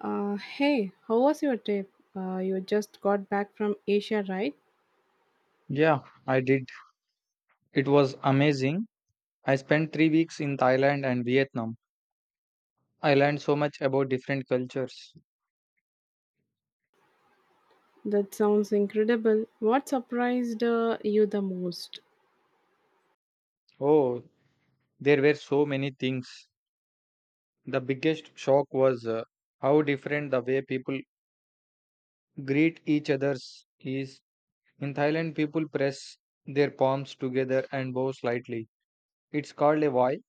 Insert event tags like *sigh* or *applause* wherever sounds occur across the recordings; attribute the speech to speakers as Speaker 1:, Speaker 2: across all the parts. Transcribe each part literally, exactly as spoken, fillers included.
Speaker 1: Uh, hey, how was your trip? Uh, you just got back from Asia, right?
Speaker 2: Yeah, I did. It was amazing. I spent three weeks in Thailand and Vietnam. I learned so much about different cultures.
Speaker 1: That sounds incredible. What surprised uh, you the most?
Speaker 2: Oh, there were so many things. The biggest shock was uh, how different the way people greet each other's is. In Thailand, people press their palms together and bow slightly. It's called a "wai."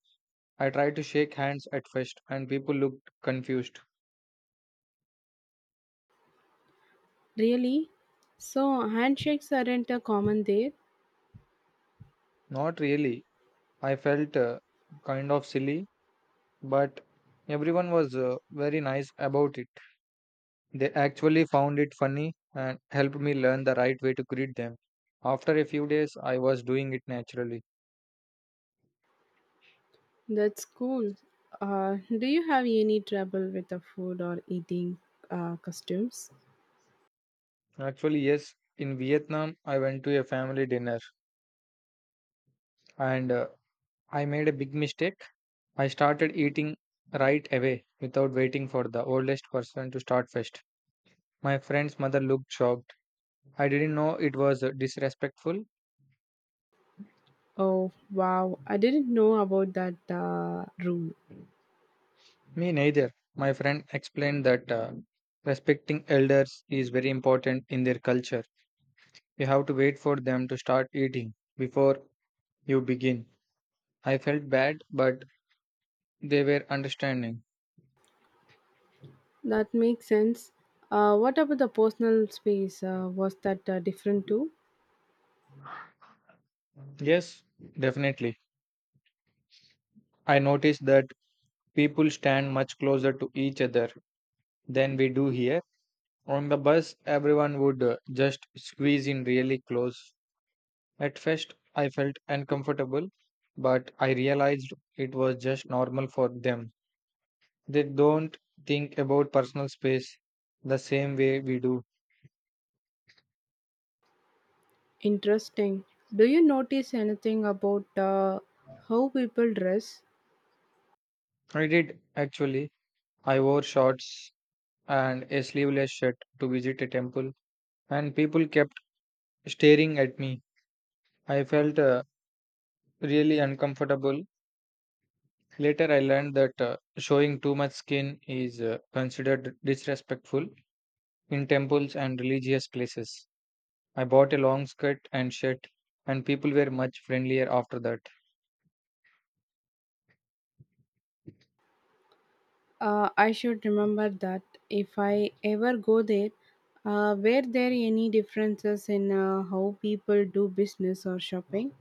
Speaker 2: I tried to shake hands at first, and people looked confused.
Speaker 1: Really? So, handshakes aren't a common there?
Speaker 2: Not really. I felt uh, kind of silly but everyone was uh, very nice about it. They actually found it funny and helped me learn the right way to greet them. After a few days, I was doing it naturally.
Speaker 1: That's cool. Uh, do you have any trouble with the food or eating uh, customs?
Speaker 2: Actually, yes, in Vietnam, I went to a family dinner and uh, I made a big mistake. I started eating right away without waiting for the oldest person to start first. My friend's mother looked shocked. I didn't know it was uh, disrespectful.
Speaker 1: Oh, wow. I didn't know about that uh, rule.
Speaker 2: Me neither. My friend explained that uh, respecting elders is very important in their culture. You have to wait for them to start eating before you begin. I felt bad, but they were understanding.
Speaker 1: That makes sense. Uh, what about the personal space? Uh, was that uh, different too?
Speaker 2: Yes, definitely. I noticed that people stand much closer to each other than we do here. On the bus, everyone would uh, just squeeze in really close. At first, I felt uncomfortable, but I realized it was just normal for them. They don't think about personal space the same way we do.
Speaker 1: Interesting. Do you notice anything about uh, how people dress?
Speaker 2: I did actually. I wore shorts and a sleeveless shirt to visit a temple, and people kept staring at me. I felt uh, really uncomfortable. Later, I learned that uh, showing too much skin is uh, considered disrespectful in temples and religious places. I bought a long skirt and shirt, and people were much friendlier after that.
Speaker 1: Uh, I should remember that if I ever go there. Uh, were there any differences in uh, how people do business or shopping?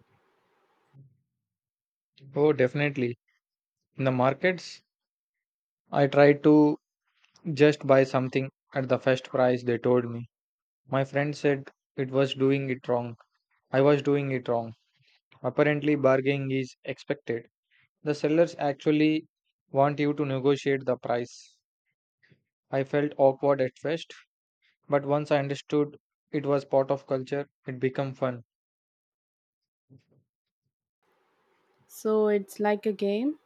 Speaker 2: Oh, definitely. In the markets, I try to just buy something at the first price, they told me. My friend said it was doing it wrong. I was doing it wrong. Apparently, bargaining is expected. The sellers actually want you to negotiate the price. I felt awkward at first, but once I understood it was part of culture, it became fun.
Speaker 1: So it's like a game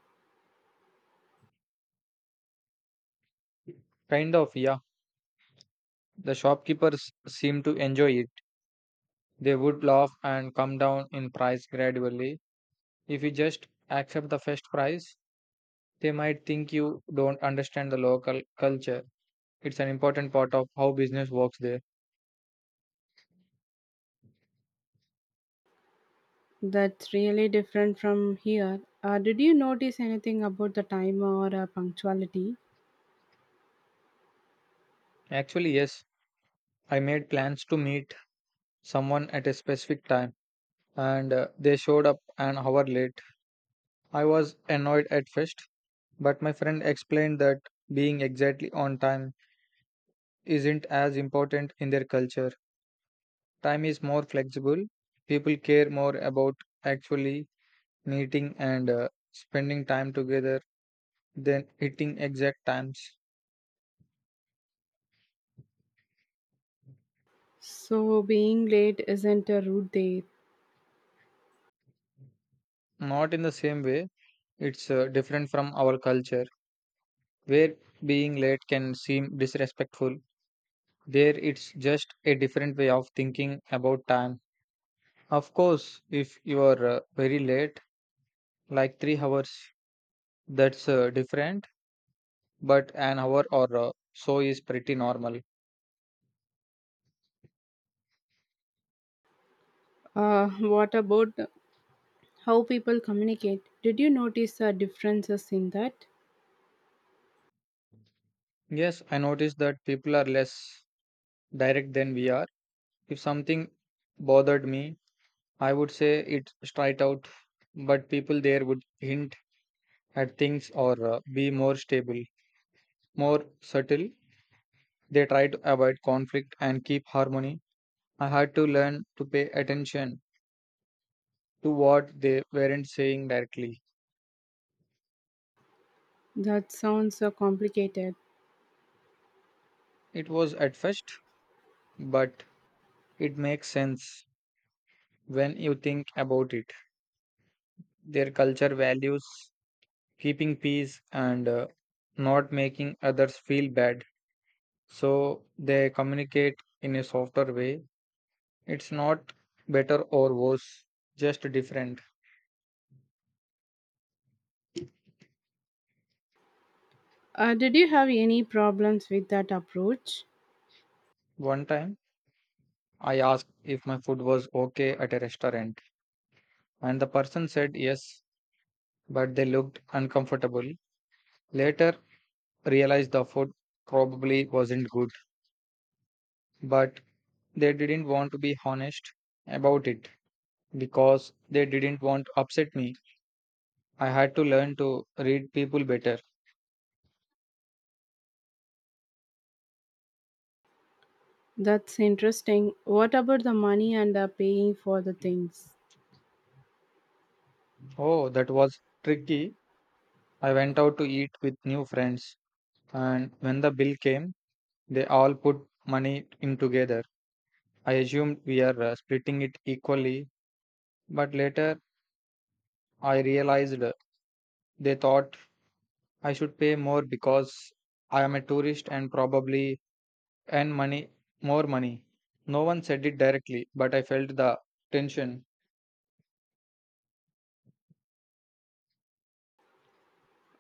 Speaker 2: Kind of, yeah. The shopkeepers seemed to enjoy it. They would laugh and come down in price gradually. If you just accept the first price, they might think you don't understand the local culture. It's an important part of how business works there.
Speaker 1: that's really different from here. Uh, did you notice anything about the time or uh, punctuality?
Speaker 2: Actually, yes, I made plans to meet someone at a specific time and uh, they showed up an hour late. I was annoyed at first, but my friend explained that being exactly on time isn't as important in their culture. Time is more flexible. People care more about actually meeting and uh, spending time together than hitting exact times.
Speaker 1: So being late isn't a rude day.
Speaker 2: Not in the same way. It's uh, different from our culture, where being late can seem disrespectful. There, it's just a different way of thinking about time. Of course, if you are uh, very late, like three hours, that's uh, different, but an hour or uh, so is pretty normal.
Speaker 1: Uh, *laughs* what about how people communicate. Did you notice uh, differences in that?
Speaker 2: Yes, I noticed that people are less direct than we are. If something bothered me, I would say it straight out, but people there would hint at things or uh, be more stable, more subtle. They try to avoid conflict and keep harmony. I had to learn to pay attention to what they weren't saying directly.
Speaker 1: That sounds uh, complicated.
Speaker 2: It was at first, but it makes sense when you think about it. Their culture values keeping peace and uh, not making others feel bad. So they communicate in a softer way. It's not better or worse, just different.
Speaker 1: Uh, did you have any problems with that approach?
Speaker 2: One time, I asked if my food was okay at a restaurant, and the person said yes, but they looked uncomfortable. Later, realized the food probably wasn't good, but they didn't want to be honest about it because they didn't want to upset me. I had to learn to read people better.
Speaker 1: That's interesting. What about the money and uh, paying for the things?
Speaker 2: Oh, that was tricky. I went out to eat with new friends, and when the bill came, they all put money in together. I assumed we are uh, splitting it equally, but later I realized they thought I should pay more because I am a tourist and probably earn money more money. No one said it directly, but I felt the tension.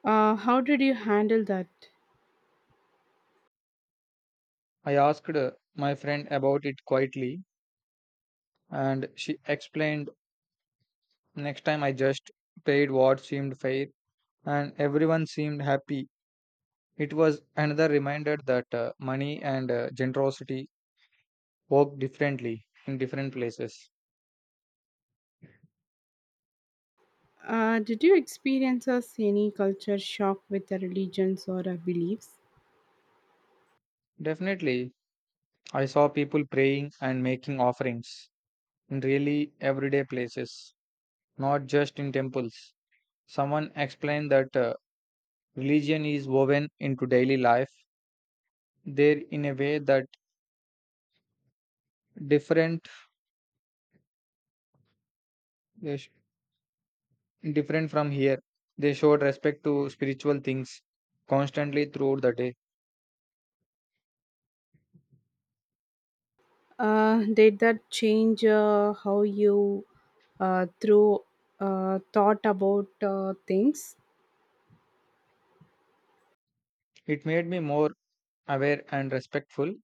Speaker 1: Uh, how did you handle that?
Speaker 2: I asked my friend about it quietly, and she explained next time I just paid what seemed fair, and everyone seemed happy. It was another reminder that uh, money and uh, generosity work differently in different places.
Speaker 1: Uh, did you experience us any culture shock with the religions or uh, beliefs?
Speaker 2: Definitely, I saw people praying and making offerings in really everyday places, not just in temples. Someone explained that uh, religion is woven into daily life there in a way that different they sh- different from here. They showed respect to spiritual things constantly throughout the day.
Speaker 1: Uh, did that change uh, how you uh, through uh, thought about uh, things?
Speaker 2: It made me more aware and respectful.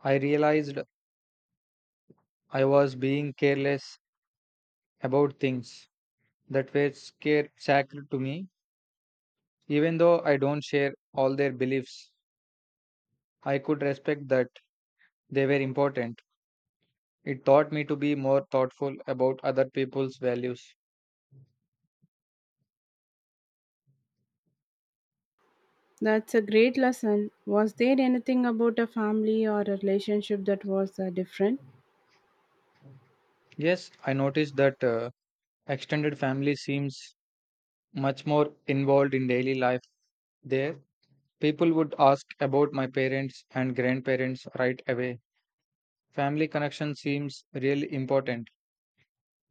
Speaker 2: I realized I was being careless about things that were scar- sacred to me. Even though I don't share all their beliefs, I could respect that they were important. It taught me to be more thoughtful about other people's values.
Speaker 1: That's a great lesson. Was there anything about a family or a relationship that was uh, different?
Speaker 2: Yes, I noticed that uh, extended family seems much more involved in daily life there. People would ask about my parents and grandparents right away. Family connection seems really important.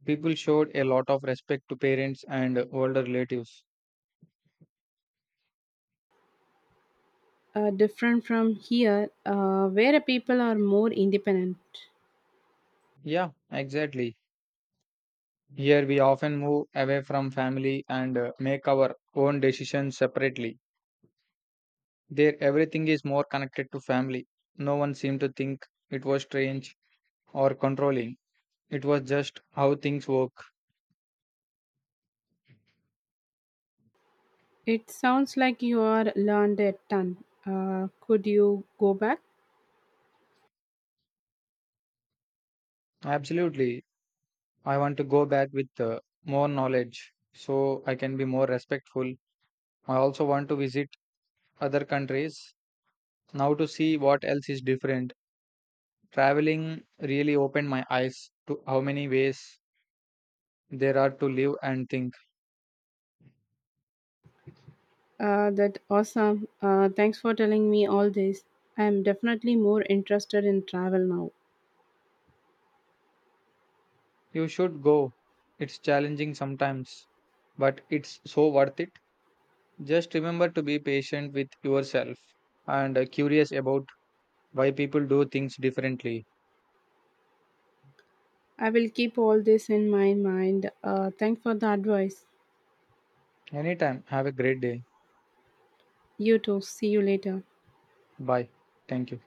Speaker 2: People showed a lot of respect to parents and older relatives.
Speaker 1: Uh, different from here, uh, where people are more independent.
Speaker 2: Yeah, exactly. Here we often move away from family and uh, make our own decisions separately. There everything is more connected to family. No one seemed to think it was strange or controlling. It was just how things work.
Speaker 1: It sounds like you are learned a ton. Uh, could you go back?
Speaker 2: Absolutely. I want to go back with uh, more knowledge so I can be more respectful. I also want to visit other countries now to see what else is different. Traveling really opened my eyes to how many ways there are to live and think.
Speaker 1: Uh, that awesome. Uh, thanks for telling me all this. I am definitely more interested in travel now.
Speaker 2: You should go. It's challenging sometimes, but it's so worth it. Just remember to be patient with yourself and uh, curious about why people do things differently.
Speaker 1: I will keep all this in my mind. Uh, thanks for the advice.
Speaker 2: Anytime, have a great day.
Speaker 1: You too. See you later.
Speaker 2: Bye. Thank you.